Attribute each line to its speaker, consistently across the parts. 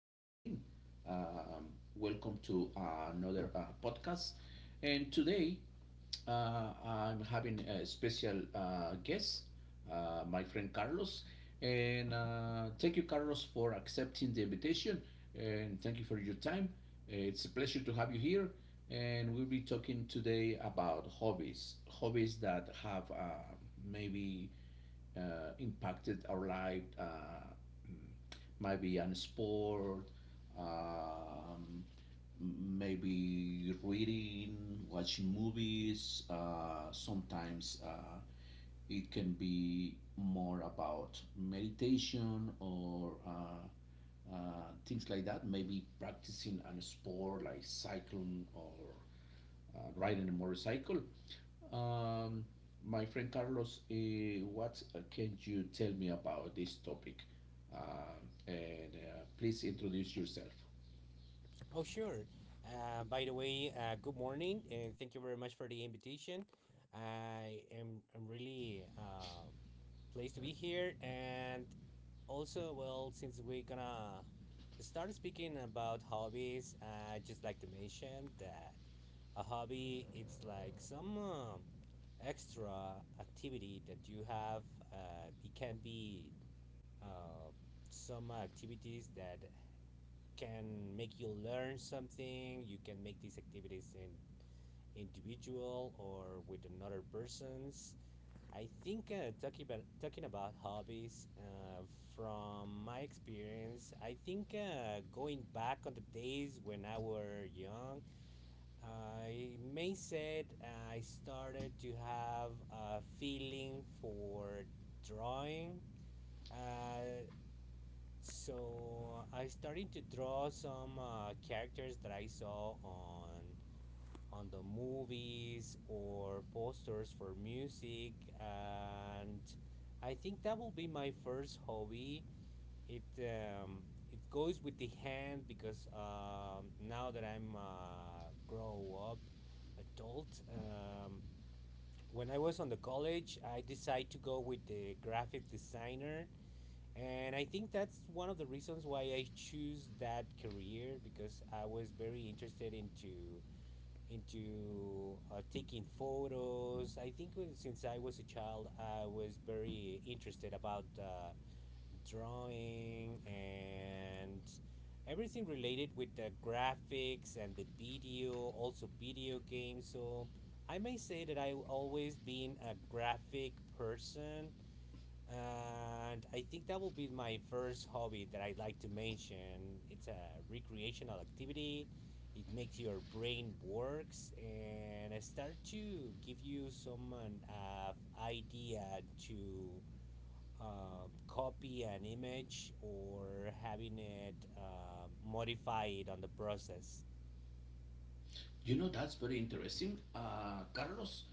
Speaker 1: good morning. Welcome to another podcast. And today I'm having a special guest, my friend Carlos. And thank you, Carlos, for accepting the invitation. And thank you for your time. It's a pleasure to have you here. And we'll be talking today about hobbies, hobbies that have maybe impacted our life. Maybe on sport, um, maybe reading, watching movies. Sometimes it can be more about meditation or things like that. Maybe practicing on a sport like cycling or riding a motorcycle. Um, my friend Carlos, eh, what can you tell me about this topic? And Please introduce yourself.
Speaker 2: Oh, sure. By the way, good morning, and thank you very much for the invitation. I'm really pleased to be here, and also, well, since we're gonna start speaking about hobbies, I just like to mention that a hobby it's like some extra activity that you have. It can be uh, some activities that can make you learn something. You can make these activities in individual or with another persons. I think talking about hobbies from my experience, I think going back on the days when I were young, I may said I started to have a feeling for drawing. Uh, so I started to draw some characters that I saw on the movies or posters for music and I think that will be my first hobby. It um, it goes with the hand because now that I'm grow up adult, when I was on the college I decided to go with the graphic designer and I think that's one of the reasons why I choose that career because I was very interested into taking photos. I think since I was a child, I was very interested about drawing and everything related with the graphics and the video, also video games. So I may say that I've always been a graphic person and I think that will be my first hobby that I'd like to mention. It's a recreational activity. It makes your brain works and start to give you some an idea to copy an image or having it modify it on the process.
Speaker 1: You know, that's very interesting, Carlos.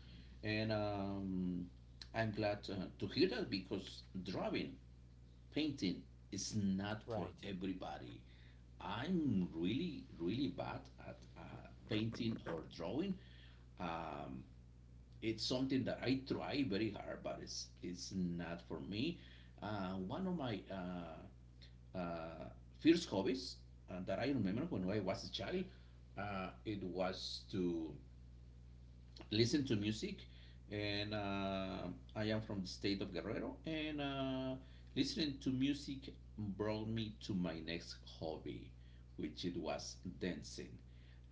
Speaker 1: And I'm glad to hear that because drawing, painting is not for
Speaker 2: Right.
Speaker 1: everybody. I'm really, really bad at painting or drawing. Um, it's something that I try very hard, but it's not for me. One of my uh, first hobbies that I
Speaker 2: Hmm.
Speaker 1: remember when I was a child, it was to listen to music, and I am from the state of Guerrero, and listening to music brought me to my next hobby, which it was dancing.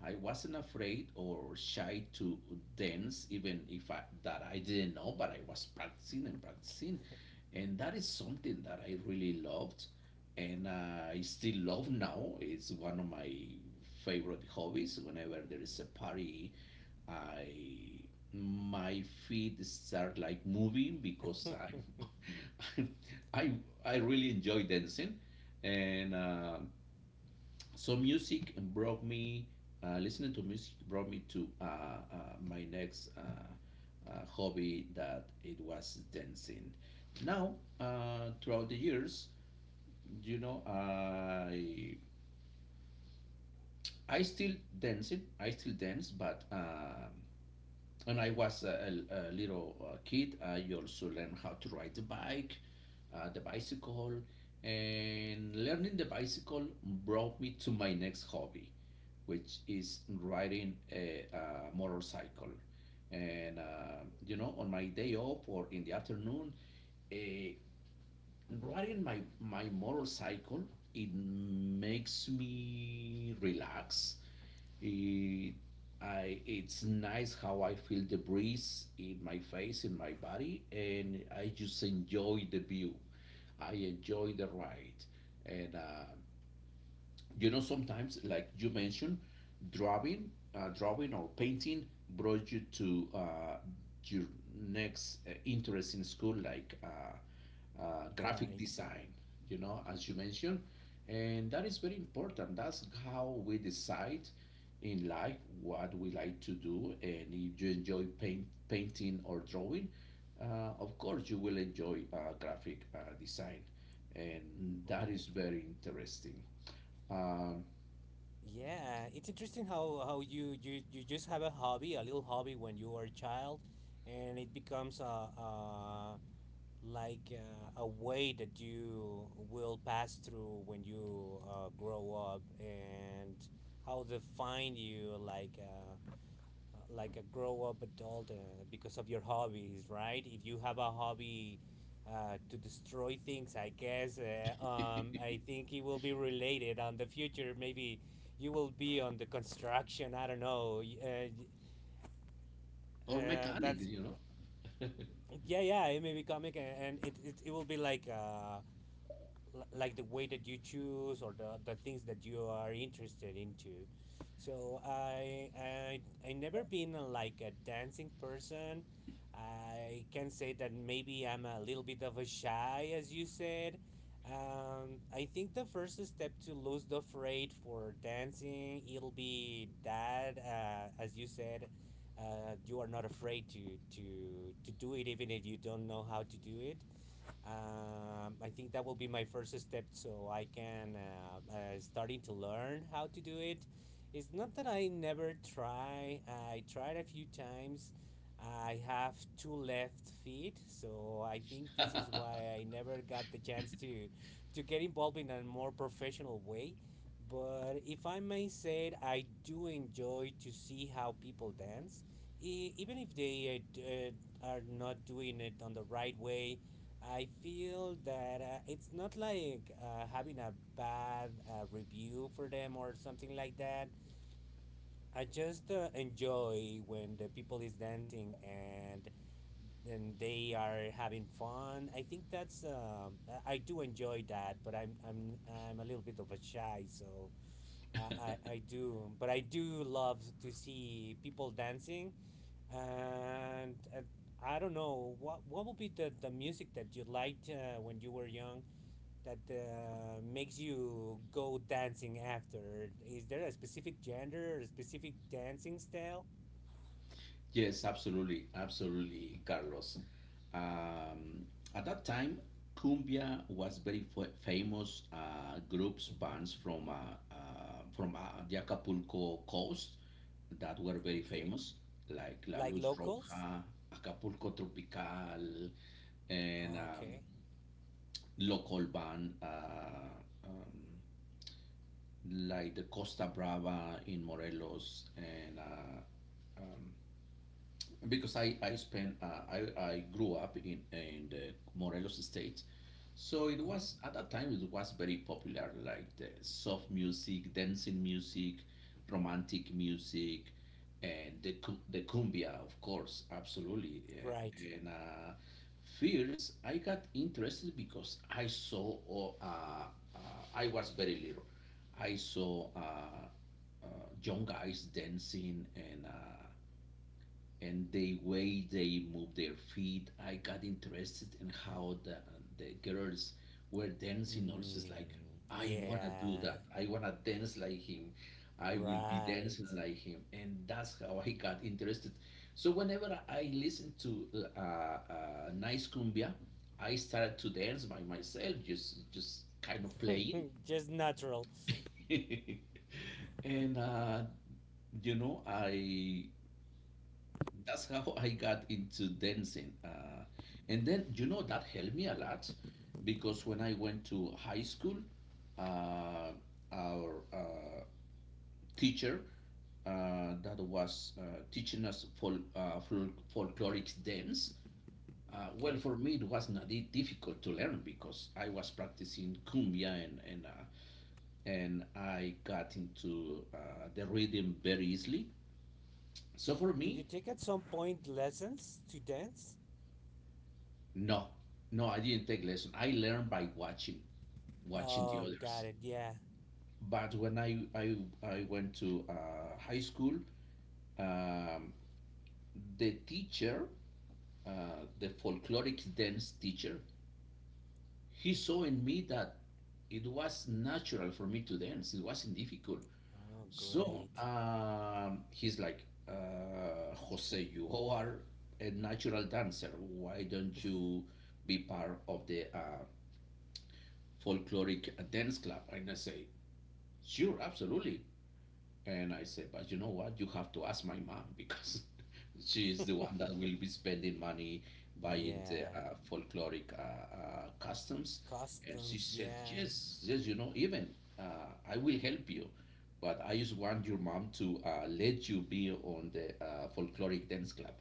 Speaker 1: I wasn't afraid or shy to dance, even if I, that I didn't know, but I was practicing and practicing, and that is something that I really loved, and I still love now. It's one of my favorite hobbies. Whenever there is a party I my feet start like moving because I'm, I I really enjoy dancing, and so music brought me listening to music brought me to my next hobby that it was dancing. Now throughout the years, you know I still dance. But. When I was a little kid, I also learned how to ride the bike, the bicycle, and learning the bicycle brought me to my next hobby, which is riding a motorcycle. And you know, on my day off or in the afternoon, uh, riding my motorcycle, it makes me relax it, I, it's nice how I feel the breeze in my face, in my body, and I just enjoy the view. I enjoy the ride, and you know, sometimes, like you mentioned, drawing or painting brought you to your next interest in school, like graphic
Speaker 2: Right.
Speaker 1: design. You know, as you mentioned, and that is very important. That's how we decide in life what we like to do. And if you enjoy painting or drawing, of course you will enjoy graphic design, and that is
Speaker 2: Right.
Speaker 1: very interesting. Um,
Speaker 2: Yeah, it's interesting how how you just have a hobby, a little hobby when you are a child, and it becomes a like a way that you will pass through when you grow up, and how define you like a grow up adult because of your hobbies, right? If you have a hobby to destroy things, I guess I think it will be related on the future. Maybe you will be on the construction. I don't know.
Speaker 1: or
Speaker 2: That's
Speaker 1: mechanics, you know.
Speaker 2: yeah. It may be comic, and it will be like like the way that you choose or the things that you are interested into, so I never been like a dancing person. I can say that maybe I'm a little bit of a shy as you said. I think the first step to lose the afraid for dancing, it'll be that, as you said, you are not afraid to, to do it even if you don't know how to do it. I think that will be my first step so I can starting to learn how to do it. It's not that I never try. I tried a few times. I have two left feet, so I think this is why I never got the chance to get involved in a more professional way. But if I may say it, I do enjoy to see how people dance, even if they are not doing it on the right way. I feel that it's not like having a bad review for them or something like that. I just enjoy when the people is dancing and they are having fun. I think that's I do enjoy that, but I'm a little bit of a shy, so I do, but I do love to see people dancing, and I don't know what would be the music that you liked when you were young that makes you go dancing after. Is there a specific gender or a specific dancing style?
Speaker 1: Yes, absolutely, absolutely, Carlos. Um, at that time, cumbia was very famous groups
Speaker 2: Hmm.
Speaker 1: bands from the Acapulco coast that were very
Speaker 2: Okay,
Speaker 1: famous, like La
Speaker 2: like
Speaker 1: Luz
Speaker 2: locals.
Speaker 1: Roja, Acapulco Tropical, and
Speaker 2: Okay.
Speaker 1: local band um, like the Costa Brava in Morelos and because I spent I grew up in the Morelos state, so it
Speaker 2: Um.
Speaker 1: was at that time it was very popular like the soft music, dancing music, romantic music, and the cumbia of course absolutely
Speaker 2: Right.
Speaker 1: and first I got interested because I saw oh, uh, I was very little I saw. Uh, Young guys dancing and the way they move their feet I got interested in how the girls were dancing also. It's like
Speaker 2: Mm,
Speaker 1: I want to do
Speaker 2: yeah.
Speaker 1: that. I want to dance like him. I will be
Speaker 2: Right.
Speaker 1: dancing like him, and that's how I got interested. So whenever I listen to uh, uh, nice cumbia I started to dance by myself, just kind of playing
Speaker 2: Just natural.
Speaker 1: and you know I that's how I got into dancing. And then, you know, that helped me a lot because when I went to high school, uh, our teacher that was teaching us folkloric dance. Well,
Speaker 2: Okay.
Speaker 1: for me, it was not difficult to learn because I was practicing cumbia and and I got into the rhythm very easily. So for
Speaker 2: Did you
Speaker 1: me,
Speaker 2: take at some point lessons to dance?
Speaker 1: no, no, I didn't take lesson. I learned by watching, watching the
Speaker 2: Oh, got
Speaker 1: others.
Speaker 2: it. Yeah.
Speaker 1: But when I went to high school, um, the teacher, the folkloric dance teacher, he saw in me that it was natural for me to dance. It wasn't difficult.
Speaker 2: Oh,
Speaker 1: So
Speaker 2: great.
Speaker 1: he's like, Jose, you are a natural dancer. Why don't you be part of the folkloric dance club. And I say, sure, absolutely. And I say, but you know what? You have to ask my mom because she is the one that will be spending money buying the
Speaker 2: Yeah.
Speaker 1: folkloric customs. And she
Speaker 2: Customs,
Speaker 1: said,
Speaker 2: yeah.
Speaker 1: yes, yes, you know, even uh, I will help you. But I just want your mom to let you be on the folkloric dance club.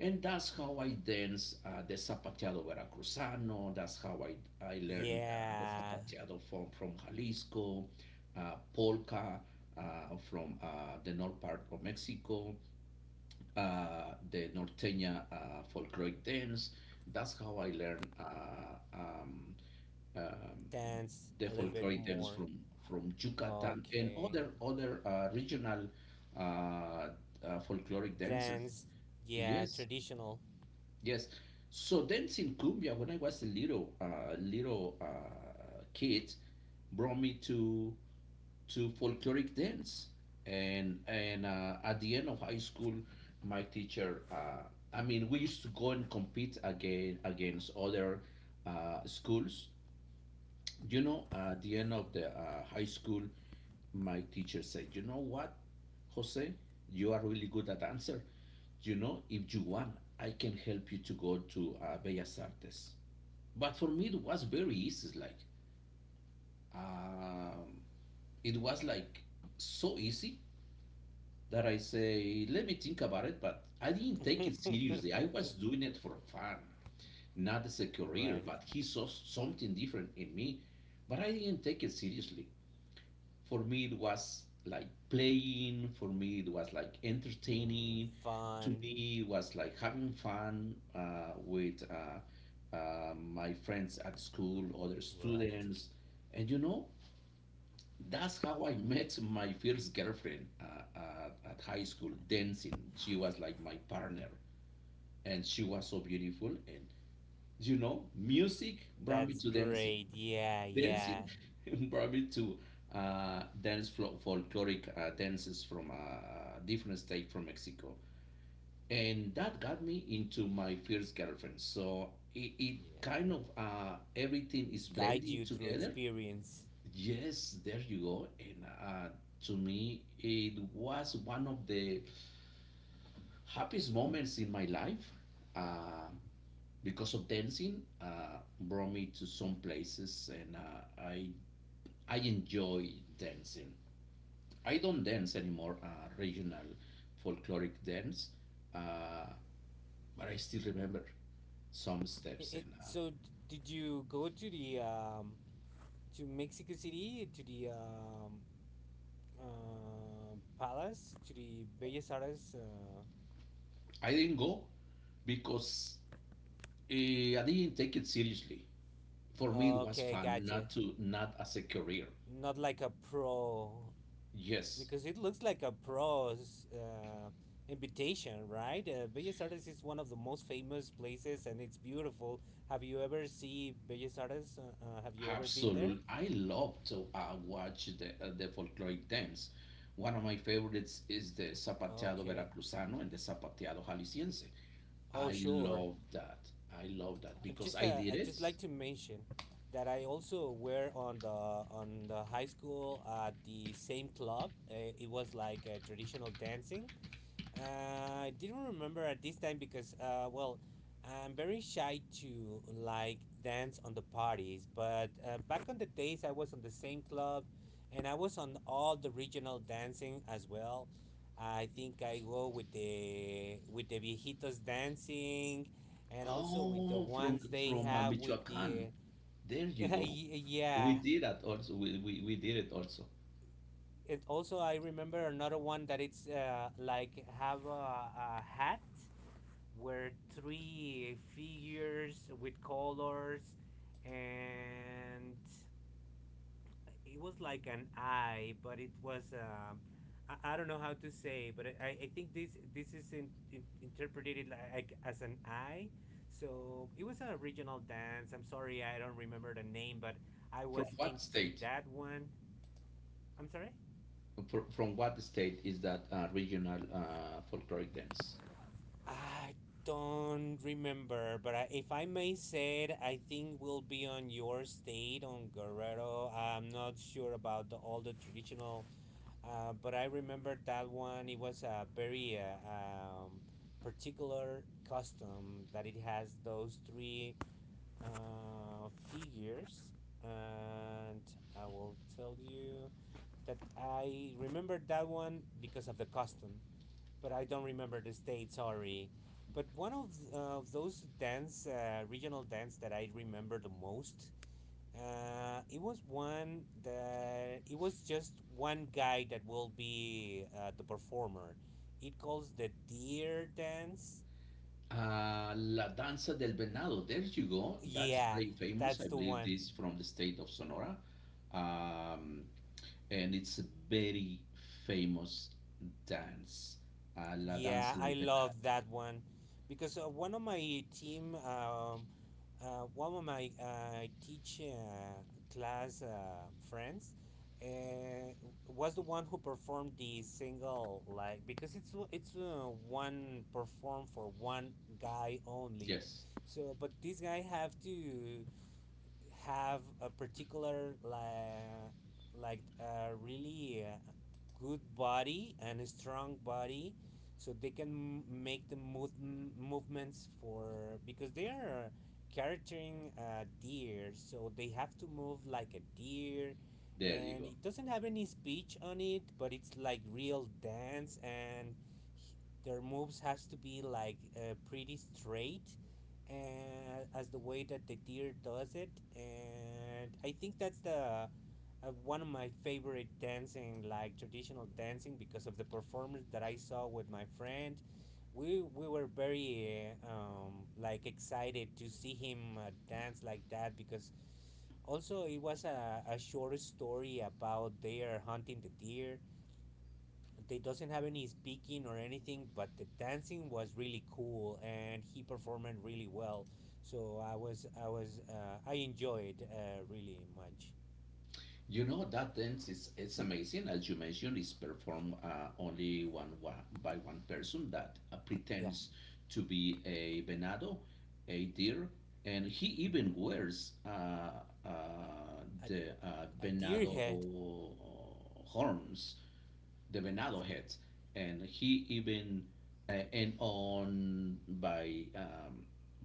Speaker 1: And that's how I dance the Zapateado Veracruzano. That's how I learned the
Speaker 2: Yeah.
Speaker 1: Zapateado from Jalisco, Polka uh, from the north part of Mexico, the Norteña folkloric dance. That's how I learned um,
Speaker 2: Dance
Speaker 1: the
Speaker 2: a little bit
Speaker 1: folkloric dance
Speaker 2: more.
Speaker 1: from Yucatan and
Speaker 2: Okay.
Speaker 1: other, other regional uh, uh, folkloric dances.
Speaker 2: Dance, yeah,
Speaker 1: Yes,
Speaker 2: traditional.
Speaker 1: yes. So dance in cumbia when I was a little kid brought me to folkloric dance and at the end of high school my teacher I mean we used to go and compete again against other schools, you know, at the end of the high school, my teacher said, "You know what, Jose, you are really good at answer. You know, if you want, I can help you to go to Bellas Artes." But for me, it was very easy. Like, um, it was like so easy that I say, "Let me think about it." But I didn't take it seriously. I was doing it for fun, not as a career.
Speaker 2: Right.
Speaker 1: But he saw something different in me, but I didn't take it seriously. For me it was like playing. For me it was like
Speaker 2: Hmm,
Speaker 1: entertaining. To
Speaker 2: fun.
Speaker 1: me it was like having fun with my friends at school, other
Speaker 2: Right.
Speaker 1: students. And you know that's how I met my first girlfriend at high school dancing. She was like my partner and she was so beautiful, and you know music brought me
Speaker 2: That's
Speaker 1: to dancing,
Speaker 2: great. Yeah,
Speaker 1: dancing
Speaker 2: yeah.
Speaker 1: brought me to dance folkloric dances from a different state from Mexico. And that got me into my first girlfriend. So it kind
Speaker 2: Yeah.
Speaker 1: of everything is
Speaker 2: Guide
Speaker 1: blending
Speaker 2: you through
Speaker 1: together.
Speaker 2: experience.
Speaker 1: Yes, there you go. And to me, it was one of the happiest moments in my life. Uh, because of dancing, brought me to some places, and I enjoy dancing. I don't dance anymore, regional folkloric dance, uh, but I still remember some
Speaker 2: It,
Speaker 1: steps.
Speaker 2: it,
Speaker 1: And
Speaker 2: so d- did you go to the to Mexico City, to the palace, to the Bellas Artes?
Speaker 1: I didn't go because I didn't take it seriously. For me, it was
Speaker 2: Okay,
Speaker 1: fun,
Speaker 2: gotcha.
Speaker 1: not as a career.
Speaker 2: Not like a pro,
Speaker 1: Yes,
Speaker 2: because it looks like a pro's invitation, right? Bellas Artes is one of the most famous places, and it's beautiful. Have you ever seen Bellas Artes? Have you ever been there?
Speaker 1: absolutely. I love to watch the folkloric dance. One of my favorites is the Zapateado
Speaker 2: Okay.
Speaker 1: Veracruzano and the Zapateado Jalisciense.
Speaker 2: Oh,
Speaker 1: I
Speaker 2: sure.
Speaker 1: love that. I love that because I did
Speaker 2: I
Speaker 1: it.
Speaker 2: just like to mention that I also were on the high school at the same club. It was like a traditional dancing, I didn't remember at this time because, well, I'm very shy to like dance on the parties. But back on the days, I was on the same club, and I was on all the regional dancing as well. I think I go with the viejitos dancing, and also with the
Speaker 1: Oh, from
Speaker 2: ones they have with
Speaker 1: Michoacán.
Speaker 2: the
Speaker 1: There you go. We
Speaker 2: yeah.
Speaker 1: did that also. We did it also.
Speaker 2: It also, I remember another one that it's like have a hat where three figures with colors, and it was like an eye but it was, I don't know how to say, but I think this is interpreted like as an eye. So it was a regional dance. I'm sorry, I don't remember the name, but I
Speaker 1: From
Speaker 2: was
Speaker 1: what
Speaker 2: into
Speaker 1: state?
Speaker 2: that one. I'm sorry,
Speaker 1: Fr from what state is that regional folkloric dance?
Speaker 2: I don't remember, but I, if I may say it, I think will be on your state on Guerrero. I'm not sure about all the traditional, but I remember that one. It was a very particular custom that it has those three figures. And I will tell you that I remember that one because of the custom, but I don't remember the state. Sorry. But one of those dance, regional dance that I remember the most, it was one that it was just one guy that will be the performer. It calls the deer dance.
Speaker 1: La Danza del Venado. There you go. That is
Speaker 2: Yeah,
Speaker 1: very famous.
Speaker 2: that's
Speaker 1: I
Speaker 2: the
Speaker 1: believe
Speaker 2: one.
Speaker 1: this from the state of Sonora. Um, and it's a very famous dance. La
Speaker 2: Yeah,
Speaker 1: Danza
Speaker 2: I
Speaker 1: del Venado.
Speaker 2: love that one because one of my team, one of my teach class friends, uh, was the one who performed the single like because it's one performed for one guy only,
Speaker 1: Yes,
Speaker 2: so but this guy have to have a particular like a really good body and a strong body so they can make the movements for because they are carrying a deer so they have to move like a deer,
Speaker 1: there you go.
Speaker 2: and it doesn't have any speech on it but it's like real dance, and h- their moves has to be like pretty straight and as the way that the deer does it, and I think that's the one of my favorite dancing like traditional dancing because of the performance that I saw with my friend. We were very like excited to see him dance like that because also it was a short story about their hunting the deer. They doesn't have any speaking or anything, but the dancing was really cool, and he performed really well. So I enjoyed really much.
Speaker 1: You know that dance is it's amazing. As you mentioned, it's performed one by one person that
Speaker 2: Yeah.
Speaker 1: pretends to be a venado, a deer, and he
Speaker 2: Mm-hmm.
Speaker 1: even wears uh,
Speaker 2: A
Speaker 1: the
Speaker 2: a deer
Speaker 1: venado
Speaker 2: head.
Speaker 1: horns, the Venado heads, and he even and on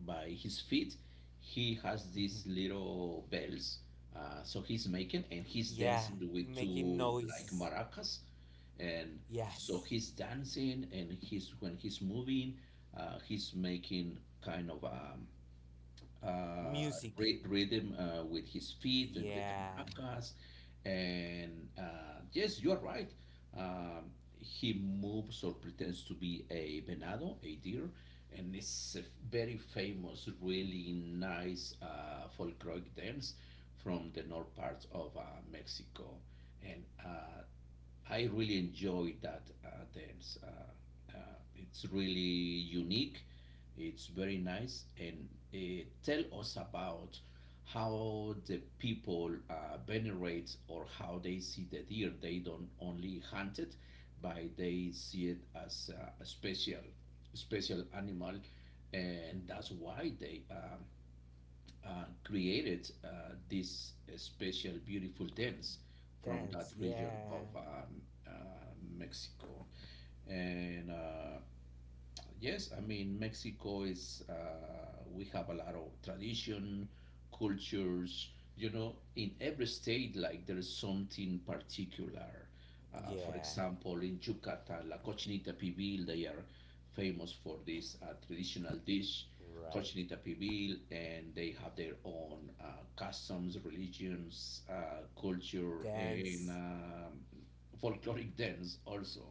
Speaker 1: by his feet, he has these
Speaker 2: Mm-hmm.
Speaker 1: little bells. So he's making and he's
Speaker 2: Yeah,
Speaker 1: dancing with
Speaker 2: making
Speaker 1: two like
Speaker 2: noises.
Speaker 1: maracas, and so
Speaker 2: Yes.
Speaker 1: he's dancing and he's when he's moving, he's making kind of
Speaker 2: Music.
Speaker 1: rhythm with his feet and with the
Speaker 2: Yeah.
Speaker 1: maracas. And yes, you are right. Um, he moves or pretends to be a venado, a deer, and it's a very famous, really nice folkloric dance from the north parts of Mexico. And I really enjoyed that dance. Uh, it's really unique. It's very nice, and tell us about how the people venerate or how they see the deer. They don't only hunt it, but they see it as a special animal, and that's
Speaker 2: Mm-hmm.
Speaker 1: why they created these special, beautiful dance from that
Speaker 2: Dance.
Speaker 1: region of
Speaker 2: Yeah.
Speaker 1: uh, Mexico. And Yes, I mean, Mexico is, we have a lot of tradition, cultures, you know, in every state, like there is something particular. Uh, for
Speaker 2: Yeah.
Speaker 1: example, in Yucatan, la cochinita pibil, they are famous for this traditional dish,
Speaker 2: Right.
Speaker 1: cochinita pibil, and they have their own customs, religions, culture, and
Speaker 2: Dance.
Speaker 1: folkloric dance also.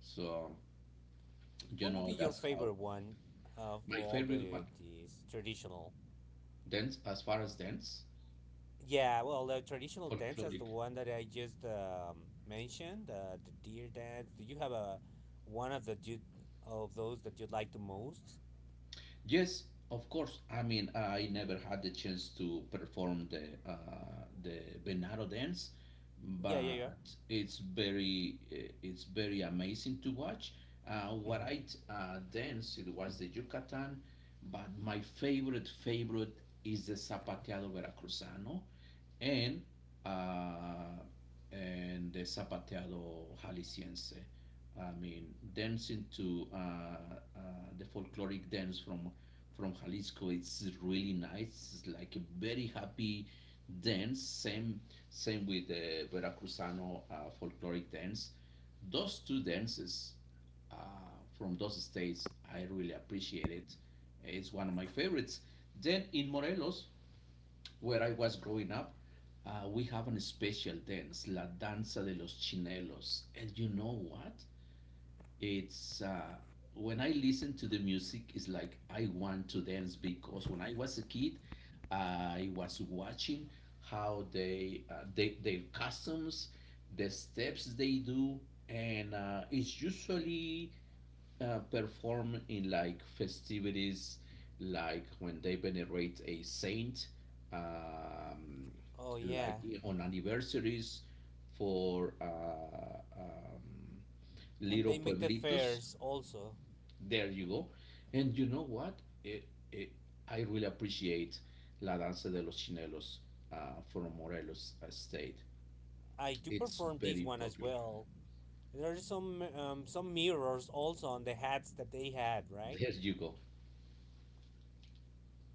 Speaker 1: So, you
Speaker 2: What would be
Speaker 1: know,
Speaker 2: your
Speaker 1: that's how
Speaker 2: favorite one
Speaker 1: my
Speaker 2: for all
Speaker 1: favorite
Speaker 2: the
Speaker 1: one,
Speaker 2: these traditional?
Speaker 1: dance as far as dance,
Speaker 2: Yeah, well, the traditional dance is the
Speaker 1: folkloric.
Speaker 2: one that I just mentioned, the deer dance. Do you have a one of the you, of those that you like the most?
Speaker 1: Yes, of course. I mean, I never had the chance to perform the Venado dance,
Speaker 2: Yeah, yeah,
Speaker 1: but it's it's very amazing to watch.
Speaker 2: yeah. Hmm.
Speaker 1: Danced it was the Yucatan, but my favorite is the Zapateado Veracruzano, and uh, and the Zapateado Jalisciense. I mean, dancing to the folkloric dance from Jalisco, it's really nice. It's like a very happy dance. Same with the Veracruzano folkloric dance. Those two dances uh, from those states, I really appreciate it. It's one of my favorites. Then in Morelos, where I was growing up, we have an special dance, La Danza de los Chinelos. And you know what? It's when I listen to the music, it's like I want to dance because when I was a kid, I was watching how they their customs, the steps they do, and it's usually perform in like festivities, like when they venerate a saint, um,
Speaker 2: Oh
Speaker 1: like
Speaker 2: yeah,
Speaker 1: on anniversaries for
Speaker 2: when
Speaker 1: little
Speaker 2: they make the
Speaker 1: pueblitos.
Speaker 2: fairs, also
Speaker 1: There you go. And you know what? It, it, I really appreciate La Danza de los Chinelos from Morelos State.
Speaker 2: I do
Speaker 1: It's
Speaker 2: perform this
Speaker 1: very
Speaker 2: one as
Speaker 1: popular.
Speaker 2: well. There are some mirrors also on the hats that they had, right?
Speaker 1: There you go.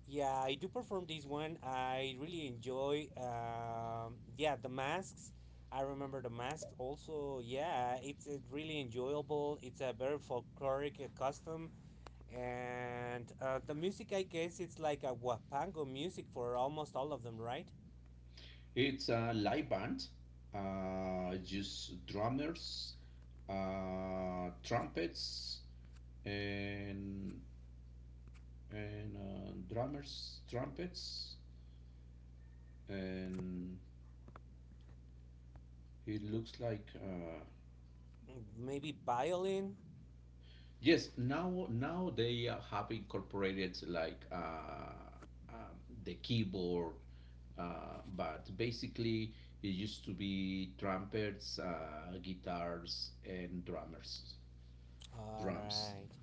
Speaker 2: Yeah, I do perform this one. I really enjoy. Yeah, the masks. I remember the masks. Also, yeah, it's really enjoyable. It's a very folkloric custom, and the music. I guess it's like a huapango music for almost all of them, right?
Speaker 1: It's a live band, just drummers, trumpets, and drummers, trumpets, and it looks like
Speaker 2: Mm, maybe violin.
Speaker 1: yes. Now they have incorporated like uh, the keyboard, but basically it used to be trumpets, guitars, and drummers,
Speaker 2: All
Speaker 1: drums.
Speaker 2: right.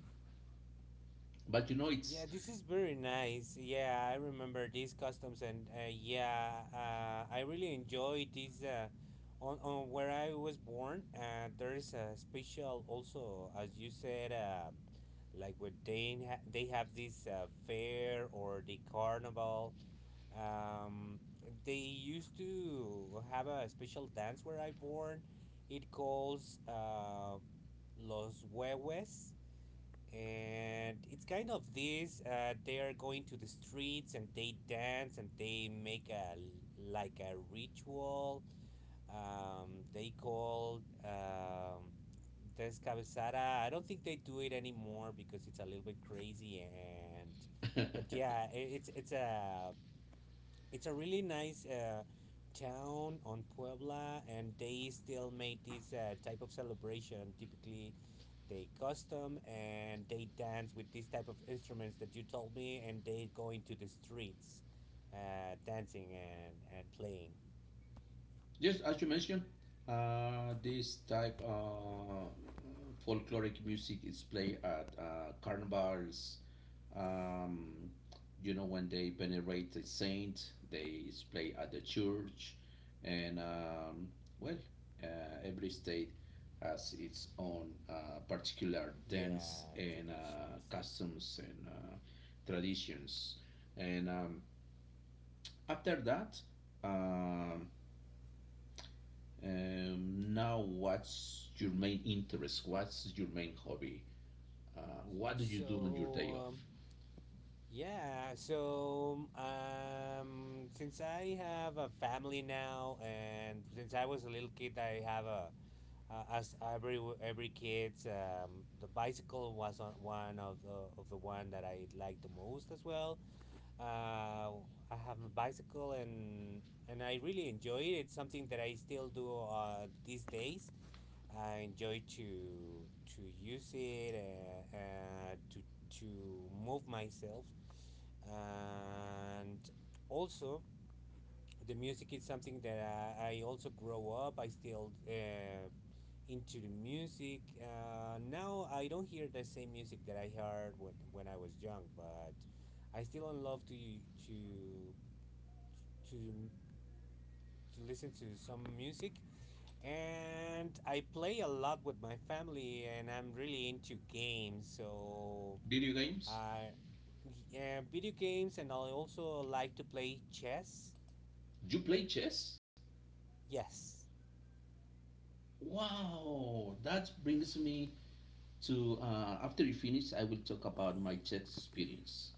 Speaker 1: But you know it's
Speaker 2: Yeah, this is very nice. Yeah, I remember these customs, and yeah, I really enjoy this. On where I was born, there's a special also, as you said, like where they they have this fair or the carnival. Um, they used to have a special dance where I born. It calls Los Huehues, and it's kind of this they are going to the streets and they dance and they make a like a ritual, they call descabezada. I don't think they do it anymore because it's a little bit crazy and but yeah, it's a really nice town on Puebla, and they still make this type of celebration. Typically, they custom and they dance with this type of instruments that you told me, and they go into the streets, dancing and playing.
Speaker 1: just as you mentioned this type folkloric music is played at carnivals, um, you know, when they venerate a saint they is played at the church, and well uh, every state has its own particular dance
Speaker 2: Yeah,
Speaker 1: and
Speaker 2: traditions.
Speaker 1: customs and traditions, and after that, um, now, what's your main interest? What's your main hobby? Uh, what do you do on your
Speaker 2: So
Speaker 1: day off?
Speaker 2: um, yeah, so since I have a family now, and since I was a little kid, I have a as every kids, the bicycle was on one of the one that I liked the most as well. uh, I have a bicycle, and I really enjoy it. It's something that I still do these days. I enjoy to use it to move myself. And also, the music is something that I also grow up. I still into the music. Now I don't hear the same music that I heard when I was young, but I still love to to listen to some music. And I play a lot with my family, and I'm really into games. So
Speaker 1: Video games?
Speaker 2: I. Yeah, video games, and I also like to play chess.
Speaker 1: You play chess?
Speaker 2: Yes.
Speaker 1: Wow, that brings me to, after you finish, I will talk about my chess experience.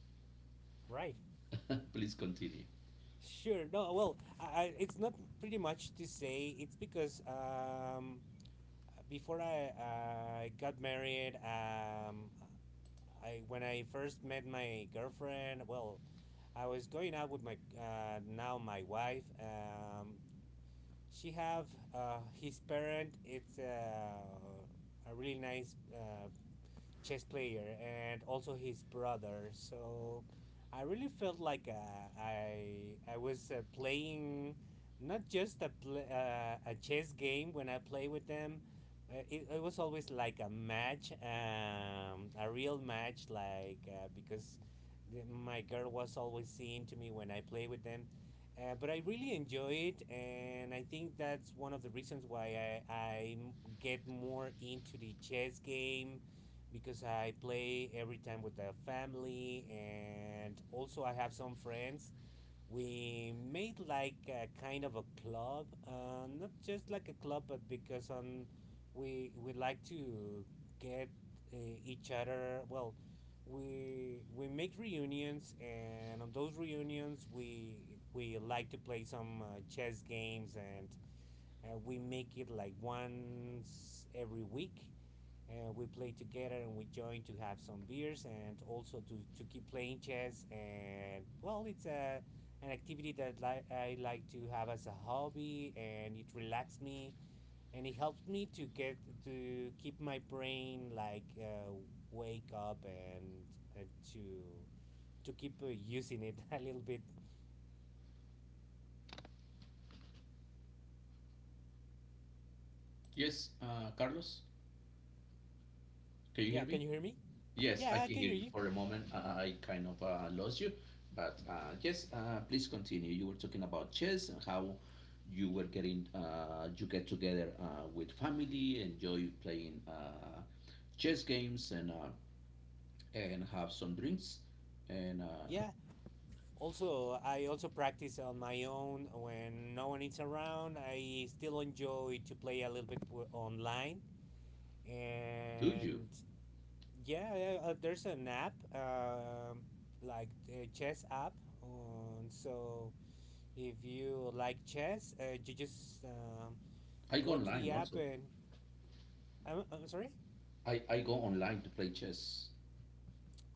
Speaker 2: Right.
Speaker 1: Please continue.
Speaker 2: Sure. No. Well, it's not pretty much to say. It's because before I got married, I when I first met my girlfriend, well, I was going out with my now my wife. She have his parent. It's a really nice chess player, and also his brother. So I really felt like I was playing not just a a chess game when I play with them. It was always like a match, a real match, like because my girl was always seeing to me when I play with them. But I really enjoy it, and I think that's one of the reasons why get more into the chess game, because I play every time with the family, and also I have some friends. We made like a kind of a club, not just like a club, but because on we like to get uh, each other. Well, we make reunions, and on those reunions we like to play some chess games, and we make it like once every week, and we play together, and we join to have some beers, and also to keep playing chess. And well, it's a an activity that I like to have as a hobby, and it relaxes me, and it helps me to get to keep my brain like wake up, and to keep using it a little bit.
Speaker 1: Yes, Carlos, can you
Speaker 2: Yeah,
Speaker 1: hear
Speaker 2: can
Speaker 1: me?
Speaker 2: you hear me?
Speaker 1: Yes, I
Speaker 2: Yeah, I
Speaker 1: can
Speaker 2: can
Speaker 1: hear
Speaker 2: hear
Speaker 1: you
Speaker 2: you.
Speaker 1: for a moment. I kind of lost you, but yes, please continue. You were talking about chess and how you were getting, you get together with family, enjoy playing chess games, and have some drinks. And
Speaker 2: Yeah. Also, I also practice on my own when no one is around. I still enjoy to play a little bit online,
Speaker 1: Do you?
Speaker 2: and yeah, yeah, there's an app, like a chess app. So if you like chess, you just
Speaker 1: I go
Speaker 2: go to
Speaker 1: online
Speaker 2: the app,
Speaker 1: also.
Speaker 2: and I'm sorry.
Speaker 1: I go online to play chess.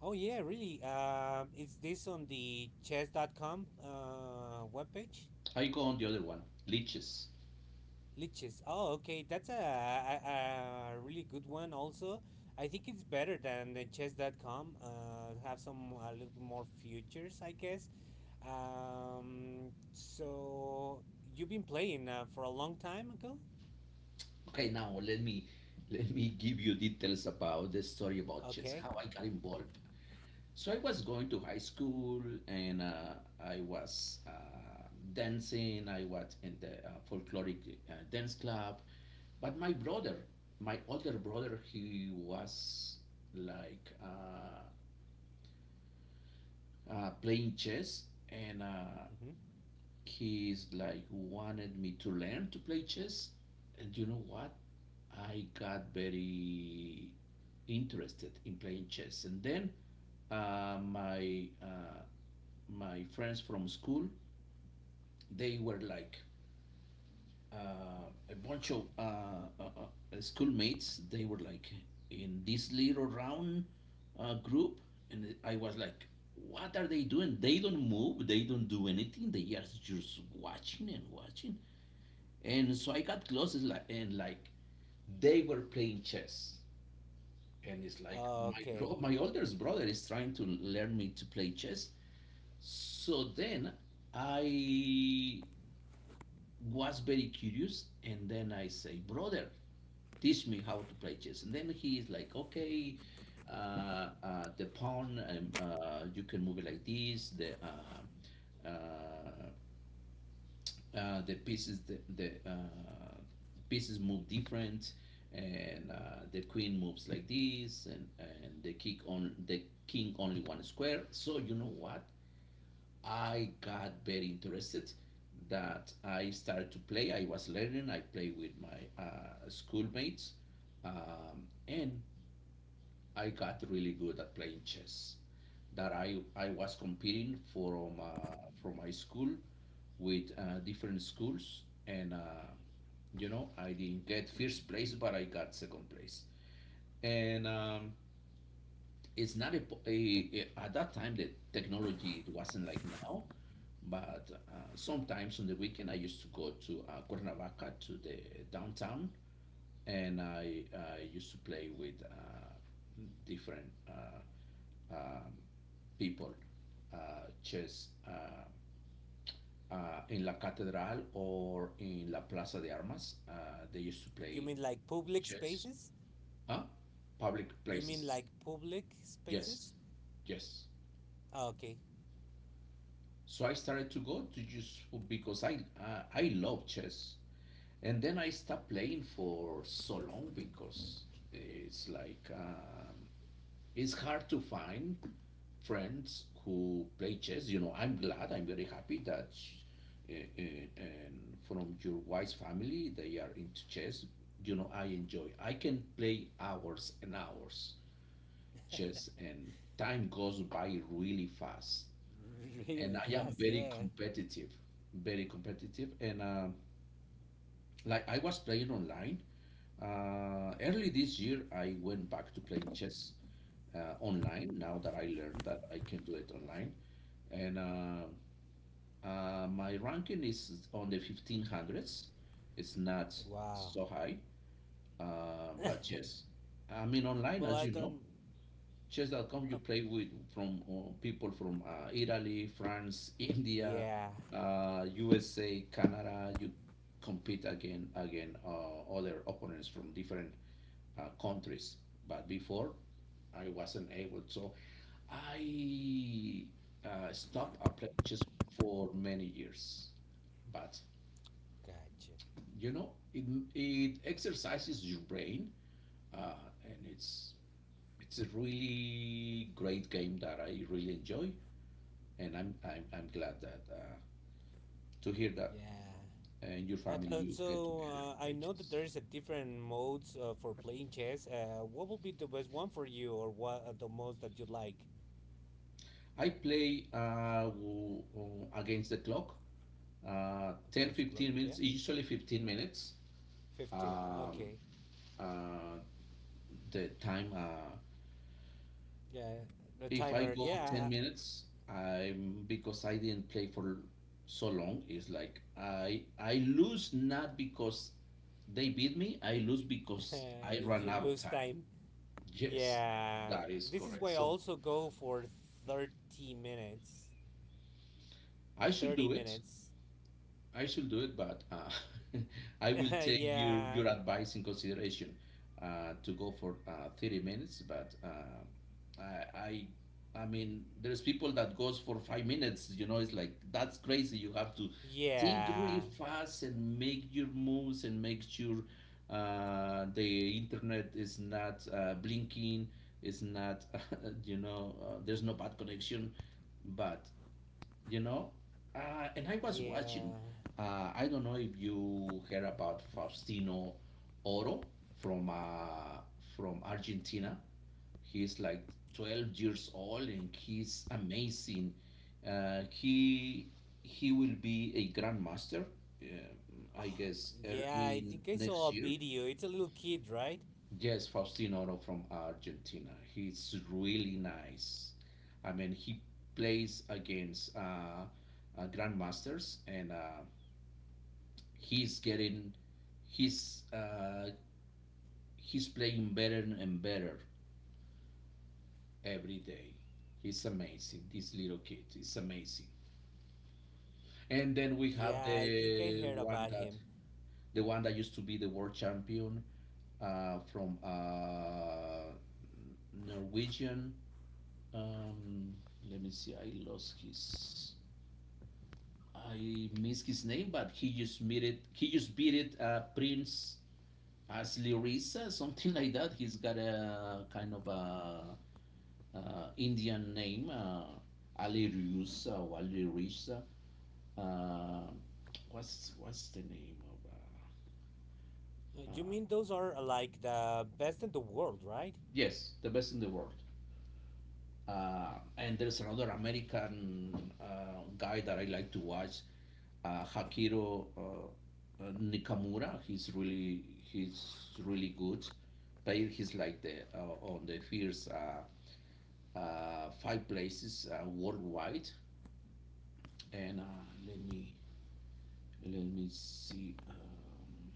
Speaker 2: Oh yeah, really. It's this on the chess.com webpage.
Speaker 1: I go on the other one, leeches.
Speaker 2: Liches. Oh, okay. That's a really good one also. I think it's better than the Chess.com. Have some a little bit more futures, I guess. So you've been playing for a long time ago?
Speaker 1: Okay, now let me give you details about the story about chess,
Speaker 2: Okay.
Speaker 1: how I got involved. So I was going to high school and I was dancing. I was in the folkloric dance club. But my brother, my older brother, he was like playing chess and
Speaker 2: Mm-hmm.
Speaker 1: he's like wanted me to learn to play chess. And you know what? I got very interested in playing chess. And then uh, my uh, my friends from school, they were like a bunch of schoolmates. They were like in this little round group, and I was like, "What are they doing? They don't move. They don't do anything. They are just watching and watching." And so I got close, and they were playing chess, and it's like
Speaker 2: Okay.
Speaker 1: my oldest brother is trying to learn me to play chess. So then I was very curious and then I say brother, teach me how to play chess, and then he is like okay, the pawn, you can move it like this, uh, the pieces, the pieces move different, and the queen moves like this, and the king, on the king only one square. So you know what, I got very interested that I started to play. I was learning. I played with my schoolmates, and I got really good at playing chess. That I was competing from my school with different schools, and you know, I didn't get first place, but I got second place. And It's not a, at that time the technology it wasn't like now, but sometimes on the weekend I used to go to cuernavaca to the downtown, and I used to play with different people, uh, chess, in la catedral or in la plaza de armas. They used to
Speaker 2: You
Speaker 1: play
Speaker 2: mean like public
Speaker 1: chess.
Speaker 2: spaces?
Speaker 1: Huh? Public
Speaker 2: You mean
Speaker 1: places.
Speaker 2: like public
Speaker 1: Yes.
Speaker 2: spaces?
Speaker 1: Yes.
Speaker 2: Okay.
Speaker 1: So I started to go to just because I love chess, and then I stopped playing for so long because it's like it's hard to find friends who play chess. You know, I'm glad, I'm very happy that and from your wife's family they are into chess. You know, I enjoy. I can play hours and hours chess, and time goes by really fast, and
Speaker 2: Really
Speaker 1: I am
Speaker 2: fast,
Speaker 1: very
Speaker 2: yeah.
Speaker 1: competitive, very competitive. And like I was playing online early this year, I went back to playing chess online. Now that I learned that I can do it online, and my ranking is on the fifteen hundreds. It's not
Speaker 2: Wow.
Speaker 1: so high, but yes, I mean online,
Speaker 2: Well,
Speaker 1: as
Speaker 2: I
Speaker 1: you know,
Speaker 2: don't.
Speaker 1: Chess.com, you
Speaker 2: Uh,
Speaker 1: play with from people from Italy, France, India,
Speaker 2: yeah.
Speaker 1: USA, Canada. You compete again other opponents from different countries. But before, I wasn't able, so I stopped playing chess for many years. But
Speaker 2: Gotcha.
Speaker 1: you know, it exercises your brain, and it's a really great game that I really enjoy, and I'm glad that to hear that
Speaker 2: Yeah.
Speaker 1: and your
Speaker 2: And,
Speaker 1: family
Speaker 2: and
Speaker 1: you get
Speaker 2: so
Speaker 1: together and
Speaker 2: I
Speaker 1: play
Speaker 2: know that
Speaker 1: chess.
Speaker 2: there is a different modes for playing chess. What will be the best one for you, or what are the most that you like?
Speaker 1: I play
Speaker 2: J-
Speaker 1: against the clock, 10
Speaker 2: Against the clock,
Speaker 1: 15
Speaker 2: yeah.
Speaker 1: minutes, usually 15 minutes.
Speaker 2: 15.
Speaker 1: Um,
Speaker 2: Okay.
Speaker 1: uh, the time
Speaker 2: Yeah. The
Speaker 1: if I
Speaker 2: timer.
Speaker 1: go 10
Speaker 2: Yeah.
Speaker 1: minutes, I'm because I didn't play for so long, it's like I lose not because they beat me, I lose because I ran
Speaker 2: You
Speaker 1: out of
Speaker 2: lose
Speaker 1: time.
Speaker 2: time.
Speaker 1: Yes,
Speaker 2: Yeah.
Speaker 1: that is
Speaker 2: This is
Speaker 1: correct.
Speaker 2: why I
Speaker 1: So
Speaker 2: also go for 30 minutes.
Speaker 1: I should
Speaker 2: Thirty
Speaker 1: do it.
Speaker 2: minutes.
Speaker 1: I should do it, but I will take your
Speaker 2: yeah.
Speaker 1: advice in consideration, to go for 30 minutes. But I, I, I mean, there's people that goes for 5 minutes. You know, it's like that's crazy. You have to think really
Speaker 2: Yeah.
Speaker 1: fast and make your moves and make sure the internet is not blinking. It's not, you know, there's no bad connection, but you know. And I was watching.
Speaker 2: Yeah.
Speaker 1: I don't know if you heard about Faustino Oro from uh, from Argentina. He's like 12 years old and he's amazing. Uh, he he will be a grandmaster, I
Speaker 2: Uh,
Speaker 1: guess,
Speaker 2: Yeah, I
Speaker 1: early
Speaker 2: think I saw
Speaker 1: next
Speaker 2: a
Speaker 1: year.
Speaker 2: video. It's a little kid, right?
Speaker 1: Yes, Faustino Oro from Argentina. He's really nice. I mean, he plays against grandmasters, and he's getting, he's uh, he's playing better and better every day. He's amazing. This little kid is amazing. And then we have
Speaker 2: Yeah, I think I
Speaker 1: the
Speaker 2: heard
Speaker 1: one
Speaker 2: about
Speaker 1: that
Speaker 2: him.
Speaker 1: used to be the world champion from Norwegian. Um, Let me see. I lost his. I missed his name, but he just beat it. Prince Aslirisa, something like that. He's got a kind of a Indian name, Alirusa or Alirisa. Uh, what's the name of? Uh, uh,
Speaker 2: You mean those are like the best in the world, right?
Speaker 1: yes, the best in the world. Uh, and there's another American guy that I like to watch, Hakiro Nikamura. He's really good. Player. He's like the on the first five places worldwide. And let me see,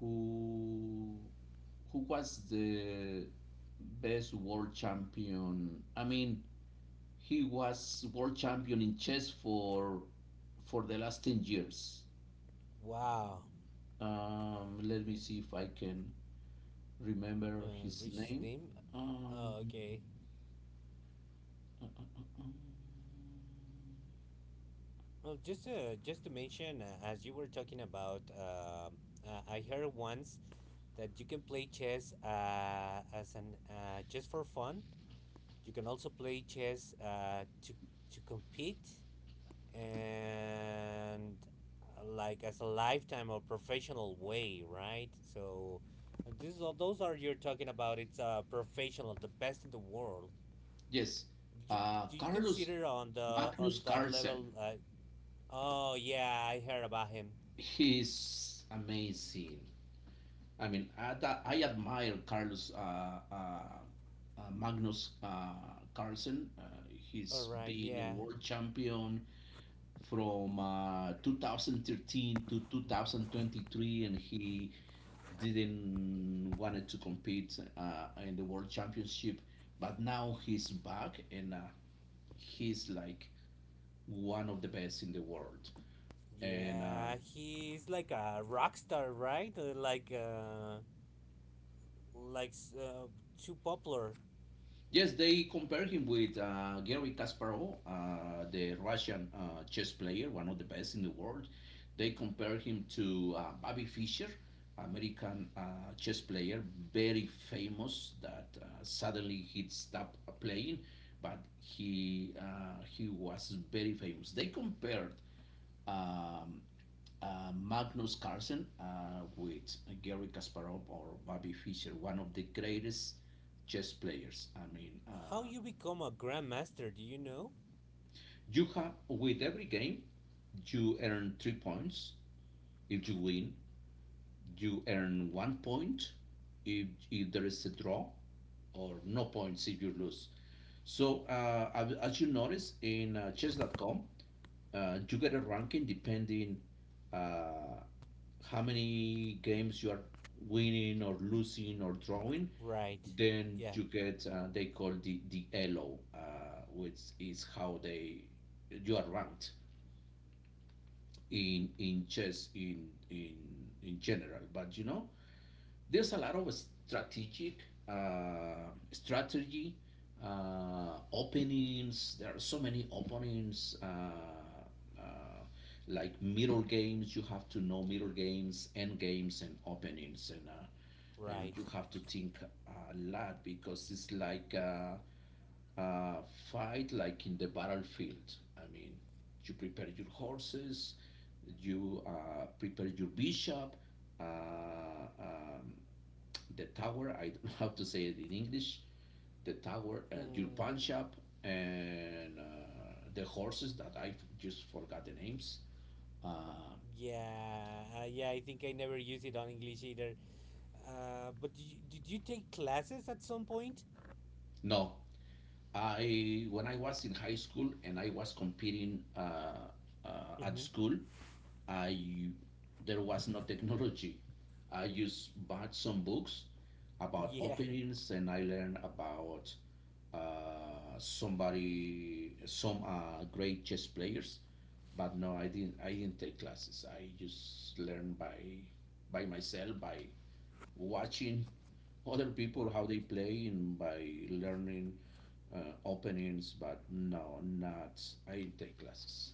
Speaker 1: who was the best world champion. I mean, he was world champion in chess for the last 10 years.
Speaker 2: Wow.
Speaker 1: Let me see if I can remember his
Speaker 2: Rich's
Speaker 1: name.
Speaker 2: name?
Speaker 1: Um,
Speaker 2: Oh, okay.
Speaker 1: uh, uh, uh, uh.
Speaker 2: Well, just to mention, as you were talking about, I heard once that you can play chess as an just for fun. You can also play chess to compete, and like as a lifetime or professional way, right? So this those are you're talking about. It's professional, the best in the world.
Speaker 1: Yes,
Speaker 2: Do you do you
Speaker 1: Carlos
Speaker 2: consider on the
Speaker 1: Magnus
Speaker 2: on that
Speaker 1: Carlsen.
Speaker 2: level? Oh yeah, I heard about him.
Speaker 1: He's amazing. I admire Carlos uh, Magnus Carlsen.
Speaker 2: All
Speaker 1: He's
Speaker 2: right,
Speaker 1: been a
Speaker 2: yeah,
Speaker 1: world champion. From 2013 to 2023, and he didn't wanted to compete in the world championship, but now he's back and he's like one of the best in the world. And
Speaker 2: yeah. He's like a rock star, right? Like like s- uh, too popular.
Speaker 1: Yes, they compare him with Gary Kasparov, the Russian chess player, one of the best in the world. They compare him to Bobby Fischer, American chess player, very famous. That Suddenly he stopped playing, but he was very famous. They compared um, Magnus Carlsen with Gary Kasparov or Bobby Fischer, one of the greatest chess players.
Speaker 2: How you become a grandmaster? Do you know?
Speaker 1: You have with every game you earn three points. If you win, you earn one point. If there is a draw, or no points if you lose. So uh, as you notice in chess.com, you get a ranking depending uh, how many games you are winning or losing or drawing.
Speaker 2: Right.
Speaker 1: Then
Speaker 2: Yeah.
Speaker 1: you get they call the elo, which is how they you are ranked in chess in general. But you know, there's a lot of strategic strategy openings. There are so many openings. Uh, like middle games, you have to know middle games, end games, and openings, and
Speaker 2: Right.
Speaker 1: you have to think a lot because it's like uh, fight like in the battlefield. I mean, you prepare your horses, you prepare your bishop, uh, um, the tower. I don't know how to say it in English. The tower, your
Speaker 2: Mm,
Speaker 1: pawn shop, and the horses that I just forgot the names. Uh,
Speaker 2: yeah, yeah, I think I never used it on English either. But did you take classes at some point?
Speaker 1: no, I when I was in high school and I was competing uh, at
Speaker 2: Mm-hmm.
Speaker 1: school, I there was no technology. I just bought some books about
Speaker 2: Yeah,
Speaker 1: openings, and I learned about somebody, some great chess players. But no, I didn't. I didn't take classes. I just learned by myself by watching other people how
Speaker 2: right.
Speaker 1: they play and by learning openings. But no, not I didn't take classes.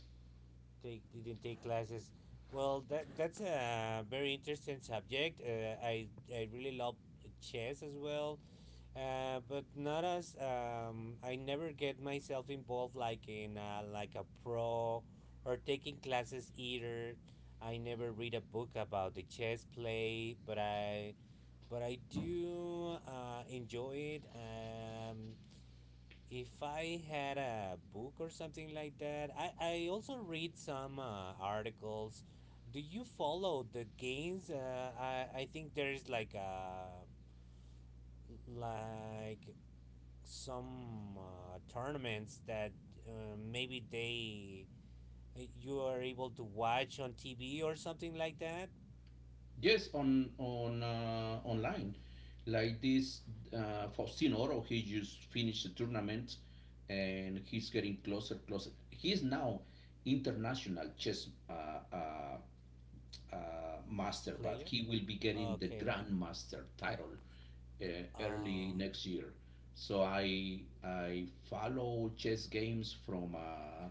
Speaker 2: Take didn't take classes. Well, that's a very interesting subject. I really love chess as well. But not as I never get myself involved like in like a pro, or taking classes either. I never read a book about the chess play, but I do enjoy it. If I had a book or something like that, I also read some articles. Do you follow the games? I think there is like a like some tournaments that maybe they you are able to watch on TV or something like that?
Speaker 1: Yes, on online, like this, Faustino Oro, he just finished the tournament, and he's getting closer, closer. He's now international chess uh, uh, master, but
Speaker 2: Player?
Speaker 1: he will be getting the
Speaker 2: Okay.
Speaker 1: grandmaster title uh, early
Speaker 2: Uh,
Speaker 1: next year. So I follow chess games from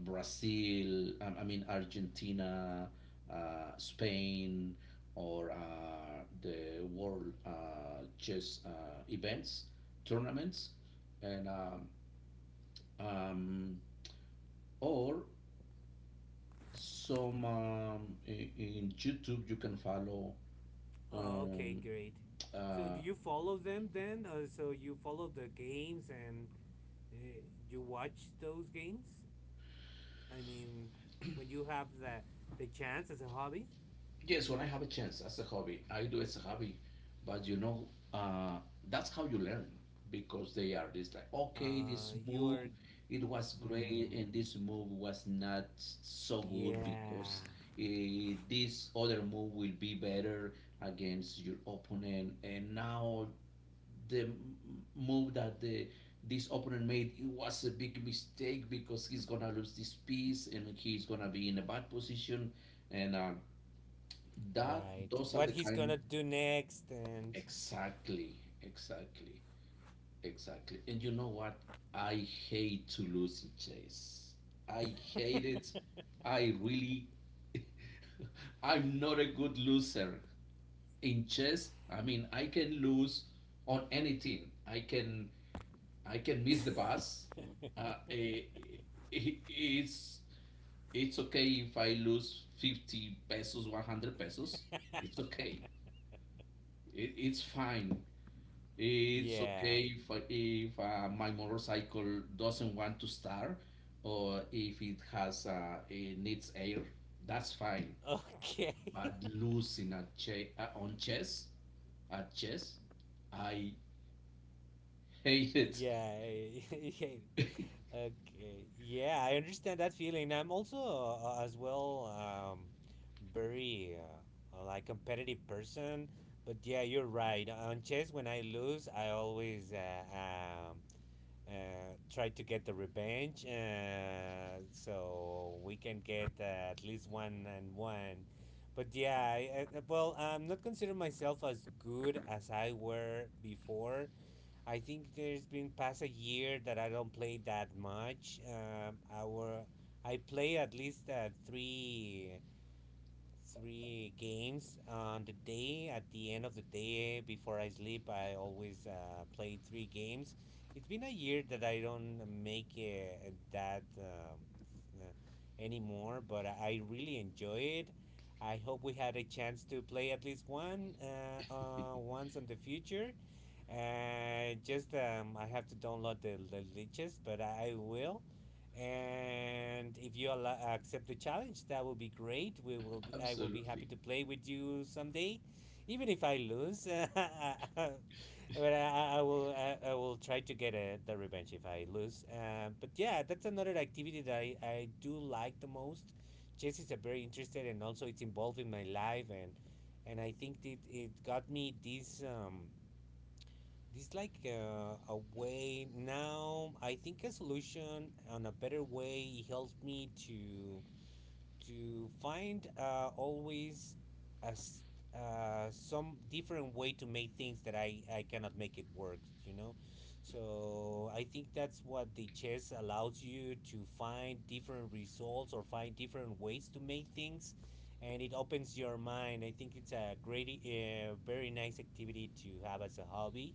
Speaker 1: Brazil, I mean Argentina, Spain, or the world chess events, tournaments, and um, or some in YouTube you can follow
Speaker 2: oh, okay,
Speaker 1: um,
Speaker 2: great. So
Speaker 1: uh,
Speaker 2: do you follow them then? So you follow the games, and uh, you watch those games? I mean, when you have the chance as a hobby,
Speaker 1: Yes, when I have a chance, as a hobby, I do as a hobby. But you know, that's how you learn because they are this like, okay, this
Speaker 2: you
Speaker 1: move,
Speaker 2: are.
Speaker 1: it was great, and
Speaker 2: Mm,
Speaker 1: this move was not so good
Speaker 2: yeah,
Speaker 1: because this other move will be better against your opponent. And now the m- move that the this opponent made it was a big mistake because he's gonna lose this piece and he's gonna be in a bad position and. That
Speaker 2: right.
Speaker 1: those are
Speaker 2: What
Speaker 1: the
Speaker 2: he's
Speaker 1: kind.
Speaker 2: gonna do next and
Speaker 1: Exactly, exactly, exactly. And you know what? I hate to lose in chess. I hate it. I really I'm not a good loser in chess. I mean, I can lose on anything. I can miss the bus. Uh, eh, eh, it's it's okay if I lose 50 pesos, 100 pesos. It's okay. It's fine. It's
Speaker 2: Yeah.
Speaker 1: okay if, if my motorcycle doesn't want to start or if it has it needs air. That's fine.
Speaker 2: Okay.
Speaker 1: But losing on chess, at chess, I hate it.
Speaker 2: Yeah, I I hate it. Okay. Yeah, I understand that feeling. I'm also as well, very like competitive person, but yeah, you're right. On chess, when I lose, I always um try to get the revenge so we can get at least one and one. But yeah, well, I'm not considering myself as good as I were before. I think there's been past a year that I don't play that much. I play at least three games on the day. At the end of the day, before I sleep, I always play three games. It's been a year that I don't make that uh, anymore, but I really enjoy it. I hope we had a chance to play at least one once in the future. Just I have to download the leeches, but I will, and if you accept the challenge, that will be great. I will be happy
Speaker 1: Absolutely.
Speaker 2: to play with you someday, even if I lose but I will try to get the revenge if I lose but yeah, that's another activity that I do like the most. Chess is a very interested, and also it's involved in my life, and I think it got me this, this like a way now. I think a solution on a better way. It helps me to find always a s- some different way to make things that I cannot make it work. So I think that's what the chess allows you to find different results, or find different ways to make things, and it opens your mind. I think it's a great very nice activity to have as a hobby.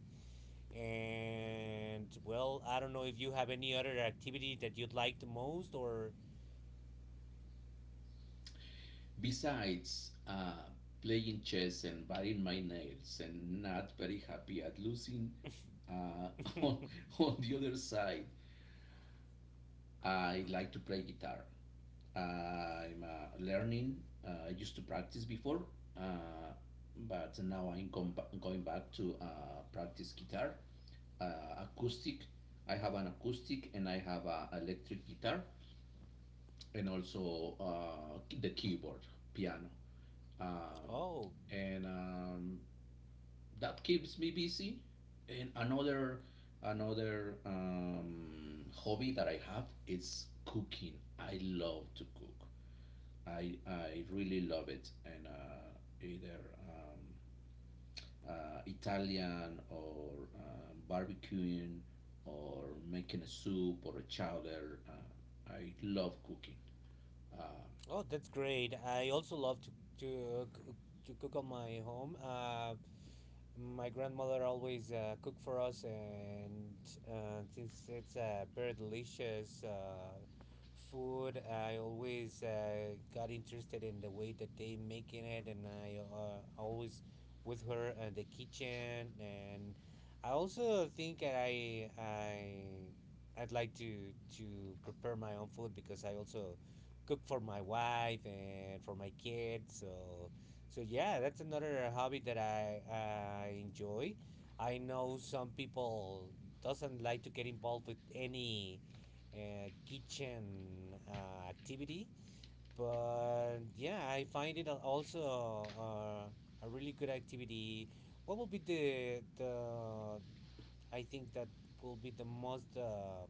Speaker 2: And well, I don't know if you have any other activity that you'd like the most or
Speaker 1: Besides playing chess and biting my nails and not very happy at losing uh, on, on the other side, I like to play guitar. I'm learning. I used to practice before, uh, but now going back to practice guitar, acoustic. I have an acoustic and I have a electric guitar, and also the keyboard, piano. Um,
Speaker 2: oh.
Speaker 1: and That keeps me busy. And another another hobby that I have is cooking. I love to cook. I really love it, and either um, Italian or barbecuing or making a soup or a chowder. I love cooking. Uh,
Speaker 2: Oh, that's great. I also love to to uh, c- to cook on my home. My grandmother always cook for us, and since it's very delicious food, I always got interested in the way that they making it, and I always with her in the kitchen, and I also think that I'd like to prepare my own food, because I also cook for my wife and for my kids. So yeah, that's another hobby that I enjoy. I know some people doesn't like to get involved with any kitchen activity, but yeah, I find it also a really good activity. What will be the I think that will be the most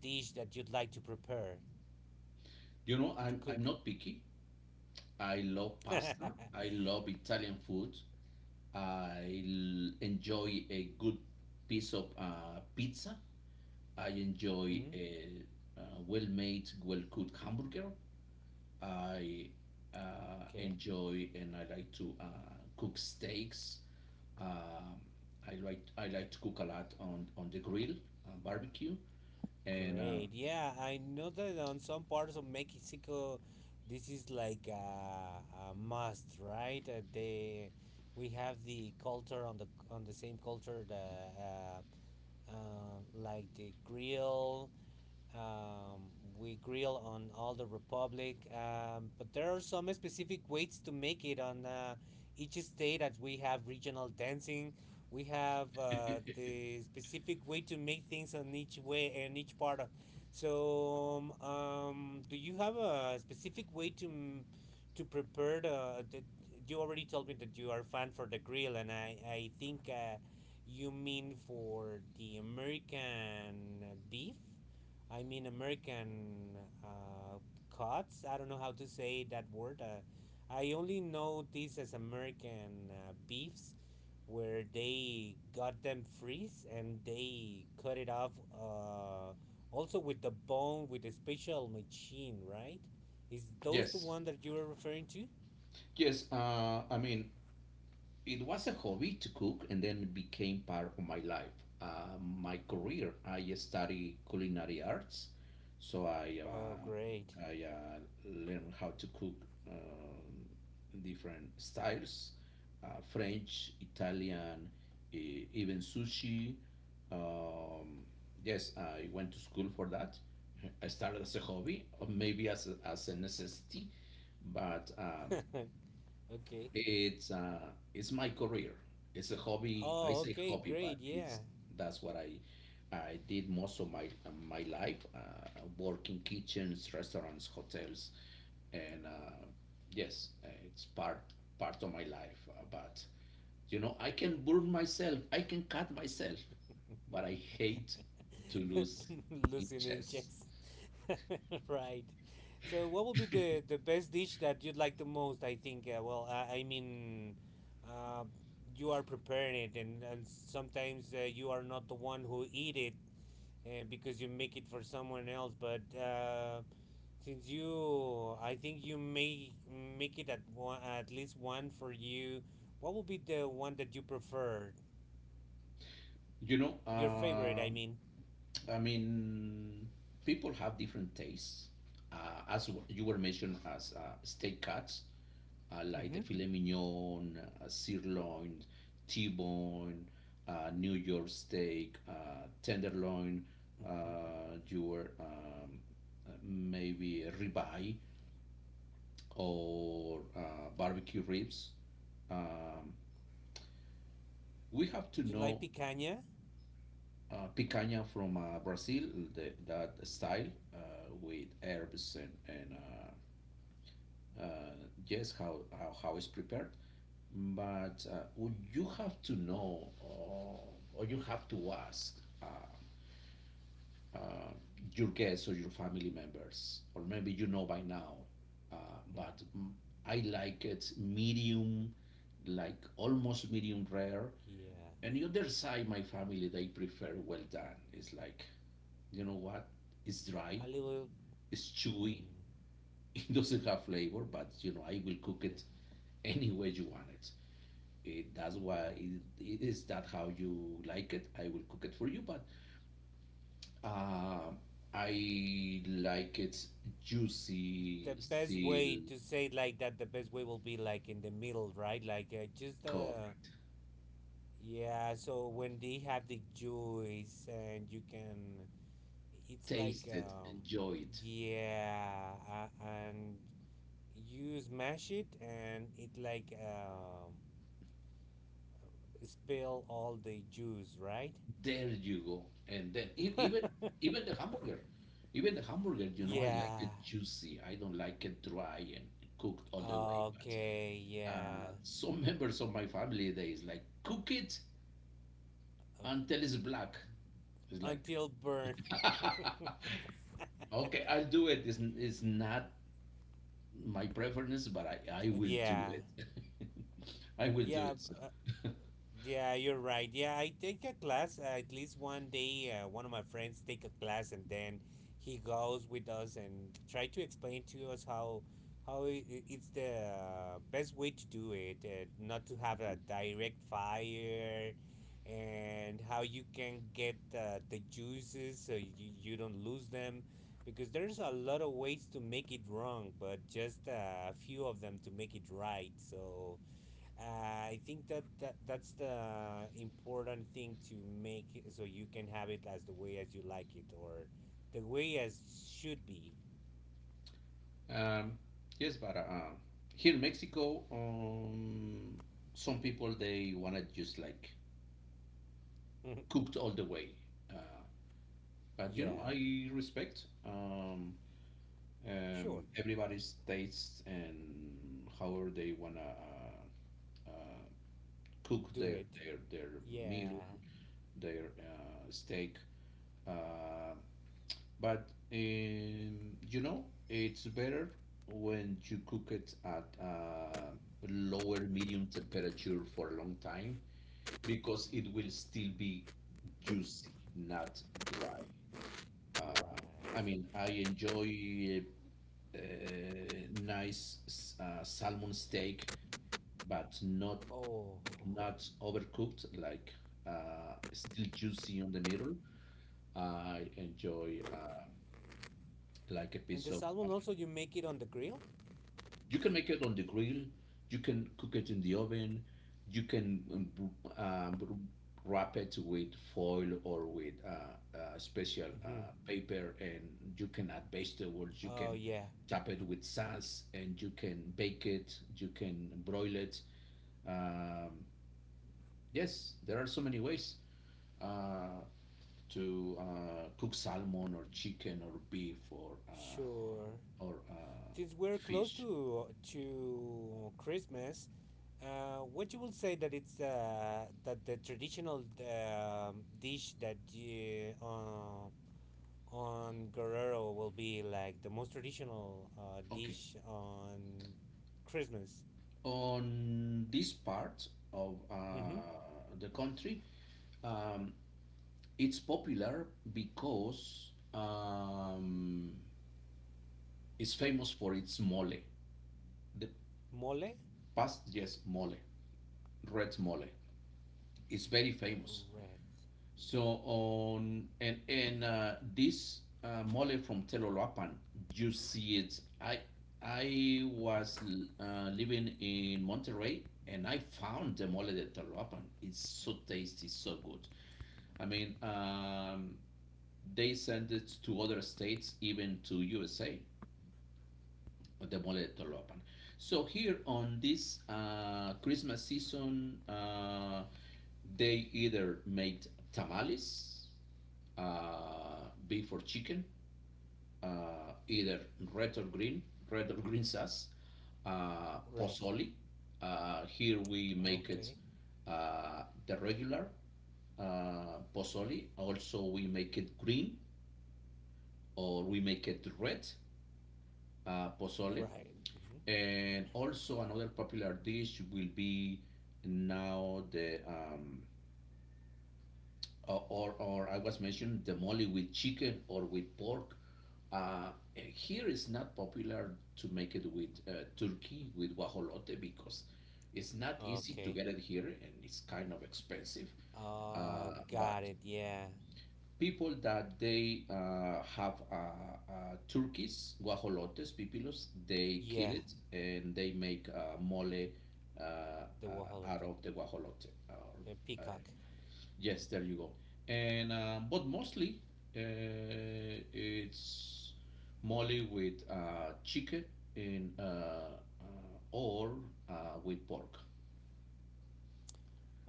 Speaker 2: dish that you'd like to prepare
Speaker 1: you know,
Speaker 2: to
Speaker 1: I'm
Speaker 2: cook.
Speaker 1: not picky. I love pasta. I love Italian food. Enjoy a good piece of pizza. I enjoy
Speaker 2: Mm?
Speaker 1: a, uh, well-made, well-cooked hamburger. I
Speaker 2: Okay,
Speaker 1: enjoy and I like to cook steaks. Um, I like to cook a lot on the grill, barbecue, and
Speaker 2: great. Yeah, I know that on some parts of Mexico, this is like a must, right? They we have the culture on the same culture the uh, like the grill Um, we grill on all the republic, but there are some specific ways to make it on each state. As we have regional dancing, we have the specific way to make things on each way and each part of. So, do you have a specific way to to prepare? You already told me that you are fan for the grill, and I think you mean for the American beef. I mean American uh, cuts. I don't know how to say that word. I only know this as American beefs, where they got them freeze and they cut it off. Also with the bone with a special machine, right? Is those the
Speaker 1: yes,
Speaker 2: one that you are referring to?
Speaker 1: yes. I mean, it was a hobby to cook and then it became part of my life my career. I study culinary arts, so i
Speaker 2: Oh, great.
Speaker 1: uh, i uh, learned how to cook different styles, uh, french, italian, even sushi. um, yes, I went to school for that. I started as a hobby or maybe as a necessity, but
Speaker 2: Okay.
Speaker 1: it's uh, it's my career. It's a hobby. I
Speaker 2: Oh,
Speaker 1: say
Speaker 2: okay,
Speaker 1: hobby, but
Speaker 2: great.
Speaker 1: it's
Speaker 2: Yeah.
Speaker 1: that's what I did most of my my life. Work in kitchens, restaurants, hotels, and yes, it's part part of my life. But you know, I can burn myself. I can cut myself, but I hate to lose in
Speaker 2: Losing in
Speaker 1: chess.
Speaker 2: chess. Right. So, what would be the best dish that you'd like the most? I think, well, I mean, uh, you are preparing it, and sometimes you are not the one who eat it because you make it for someone else. But since you, I think you may make it at, one, at least one for you, what would be the one that you prefer?
Speaker 1: You know,
Speaker 2: Your favorite, I mean.
Speaker 1: I mean, people have different tastes. As you were mentioned, as steak cuts, like the
Speaker 2: Mm-hmm.
Speaker 1: filet mignon, sirloin, T-bone, New York steak, tenderloin,
Speaker 2: Mm-hmm.
Speaker 1: your maybe a ribeye or barbecue ribs. Um, we have to
Speaker 2: Did you like
Speaker 1: know
Speaker 2: picanha?
Speaker 1: picanha from Brazil, the, that style uh, with herbs and uh, yes, how it's prepared. But you have to know or you have to ask uh, uh, your guests or your family members, or maybe you know by now, uh,
Speaker 2: Mm.
Speaker 1: but mm, I like it medium, like almost medium rare,
Speaker 2: Yeah.
Speaker 1: and the other side my family they prefer well done. It's like, you know what, it's dry,
Speaker 2: A little.
Speaker 1: it's chewy,
Speaker 2: Mm,
Speaker 1: it doesn't have flavor. But you know, I will cook
Speaker 2: yeah.
Speaker 1: it any way you want it. That's why
Speaker 2: Right.
Speaker 1: it is, that how you like it, I will cook it for you. But um I like it juicy
Speaker 2: The best
Speaker 1: still.
Speaker 2: way to say it like that, the best way will be like in the middle, right? Like just.
Speaker 1: Correct.
Speaker 2: Yeah. So when they have the juice and you can, it's like
Speaker 1: Taste it,
Speaker 2: um.
Speaker 1: enjoy it.
Speaker 2: Yeah. And you smash it and it like spill all the juice, right?
Speaker 1: There you go. And then even even the hamburger, even the hamburger, you know, I like
Speaker 2: Yeah.
Speaker 1: it juicy. I don't like it dry and cooked all the way. But
Speaker 2: Okay, yeah.
Speaker 1: some members of my family, they is like cook it
Speaker 2: Uh,
Speaker 1: until it's black. It's like
Speaker 2: until burn.
Speaker 1: okay, I'll do it. It's not my preference, but I will do
Speaker 2: Yeah.
Speaker 1: it. I will do
Speaker 2: Yeah,
Speaker 1: it. So,
Speaker 2: uh, Yeah, you're right. Yeah, I take a class at least one day. One of my friends take a class, and then he goes with us and try to explain to us how it's the best way to do it, not to have a direct fire, and how you can get the juices so you don't lose them, because there's a lot of ways to make it wrong, but just a few of them to make it right. So I think that, that's the important thing to make it so you can have it as the way as you like it or the way as should be.
Speaker 1: um, yes, but here in Mexico, some people they wanna just like cooked all the way. Uh, but you know,
Speaker 2: Yeah,
Speaker 1: I respect
Speaker 2: sure,
Speaker 1: everybody's tastes and however they wanna uh, cook
Speaker 2: do
Speaker 1: their
Speaker 2: it.
Speaker 1: their meal,
Speaker 2: Yeah,
Speaker 1: their steak. Uh, but You know, it's better when you cook it at lower medium temperature for a long time because it will still be juicy, not dry. Uh, I
Speaker 2: right.
Speaker 1: mean, I enjoy uh, nice salmon steak, but not
Speaker 2: Oh,
Speaker 1: not overcooked, like still juicy on the middle. I enjoy like a
Speaker 2: and
Speaker 1: piece
Speaker 2: the
Speaker 1: of
Speaker 2: salmon also you make it on the grill?
Speaker 1: you can make it on the grill. You can cook it in the oven. You can um, wrap it with foil or with special
Speaker 2: Hmm.
Speaker 1: paper, and you can add vegetables. You
Speaker 2: Oh
Speaker 1: can
Speaker 2: yeah,
Speaker 1: top it with sauce, and you can bake it. You can broil it. Um, yes, there are so many ways. Uh, to cook salmon or chicken or beef or uh,
Speaker 2: sure.
Speaker 1: or uh,
Speaker 2: Since we're close
Speaker 1: fish.
Speaker 2: to Christmas, what you will say that it's that the traditional dish that you, on Guerrero will be like the most traditional
Speaker 1: Okay,
Speaker 2: dish on Christmas.
Speaker 1: on this part of
Speaker 2: Mm-hmm.
Speaker 1: the country, um, it's popular because it's famous for its mole. The
Speaker 2: Mole
Speaker 1: past, yes, mole, red mole. It's very famous.
Speaker 2: red.
Speaker 1: So on and This mole from Telolapan, you see it. I was living in Monterrey and I found the mole de Telolapan. It's so tasty, so good. I mean, they send it to other states, even to USA. The mole Tolopan. So here on this Christmas season, they either made tamales, beef or chicken, either red or green, red or green sauce,
Speaker 2: Right.
Speaker 1: pozole. Here we make it
Speaker 2: Okay.
Speaker 1: the regular pozole. Also, we make it green or we make it red pozole.
Speaker 2: Right. Mm-hmm.
Speaker 1: And also another popular dish will be now the or I was mentioned the molly with chicken or with pork. Uh, Here it's not popular to make it with turkey, with guajolote, because it's not easy to
Speaker 2: Okay.
Speaker 1: get it here and it's kind of expensive.
Speaker 2: Oh,
Speaker 1: But
Speaker 2: got it. Yeah.
Speaker 1: people that they have uh, turkeys, guajolotes, pipilos, they kill
Speaker 2: Yeah.
Speaker 1: it and they make mole
Speaker 2: The
Speaker 1: out
Speaker 2: guajolote.
Speaker 1: of the guajolote.
Speaker 2: The peacock.
Speaker 1: Yes, there you go. And but mostly uh, it's mole with chicken in or uh, with pork,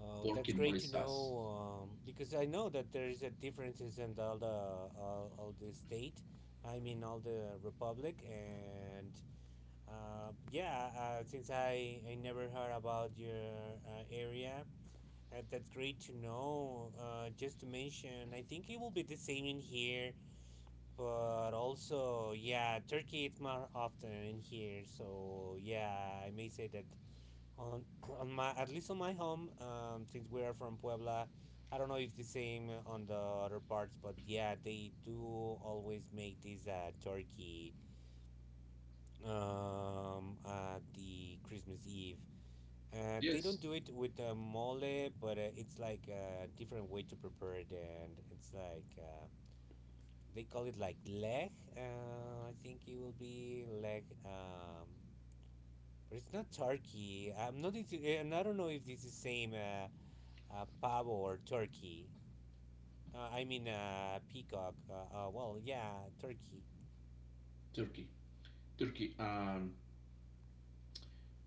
Speaker 2: Oh,
Speaker 1: pork
Speaker 2: that's
Speaker 1: in
Speaker 2: great
Speaker 1: mole
Speaker 2: to
Speaker 1: sauce.
Speaker 2: know. Because I know that there is a differences in all the all the state. I mean, all the republic and yeah. Since I never heard about your area, that's great to know. Just to mention, I think it will be the same in here. But also, yeah, Turkey it's more often in here. So yeah, I may say that on on my at least on my home since we are from Puebla. I don't know if the same on the other parts, but yeah, they do always make this turkey at the Christmas Eve. They
Speaker 1: Yes,
Speaker 2: don't do it with the mole, but it's like a different way to prepare it, and it's like they call it like leg. I think it will be leg, but it's not turkey I'm not into, and I don't know if this is same pavo or turkey. I mean, peacock. Well, yeah, turkey.
Speaker 1: turkey, turkey.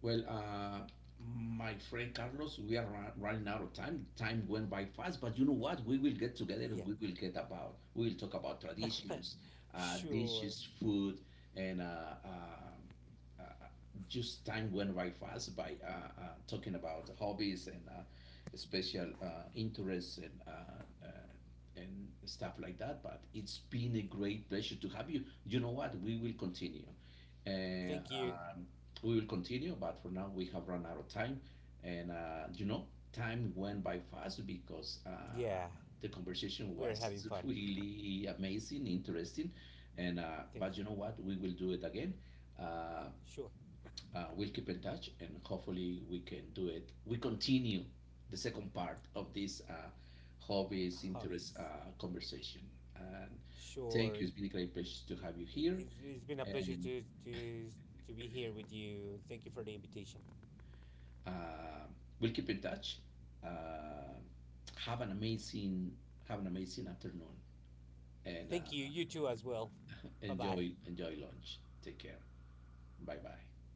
Speaker 1: Well, my friend Carlos, we are running out of time. Time went by fast, but you know what? We will get together and
Speaker 2: Yeah.
Speaker 1: we will get about, we will talk about traditions,
Speaker 2: Sure.
Speaker 1: dishes, food, and uh, just time went by fast by talking about hobbies and special interests and uh, and stuff like that. But it's been a great pleasure to have you. You know what? We will continue. Uh,
Speaker 2: Thank you.
Speaker 1: um, we will continue, but for now we have run out of time. And you know, time went by fast because
Speaker 2: Yeah,
Speaker 1: the conversation
Speaker 2: we're having
Speaker 1: was
Speaker 2: fun.
Speaker 1: really amazing, interesting. And
Speaker 2: Thank
Speaker 1: but you
Speaker 2: you.
Speaker 1: know what? We will do it again. Uh,
Speaker 2: Sure.
Speaker 1: we'll keep in touch and hopefully we can do it. We continue the second part of this hobbies, interest
Speaker 2: Hobbies.
Speaker 1: conversation. And thank
Speaker 2: Sure.
Speaker 1: you. It's been a great pleasure to have you here.
Speaker 2: It's been a pleasure
Speaker 1: And
Speaker 2: to be here with you. Thank you for the invitation.
Speaker 1: uh, we'll keep in touch. Uh, have an amazing have an amazing afternoon and
Speaker 2: Thank you. You too, as well. Bye bye.
Speaker 1: enjoy enjoy lunch. Take care. Bye bye.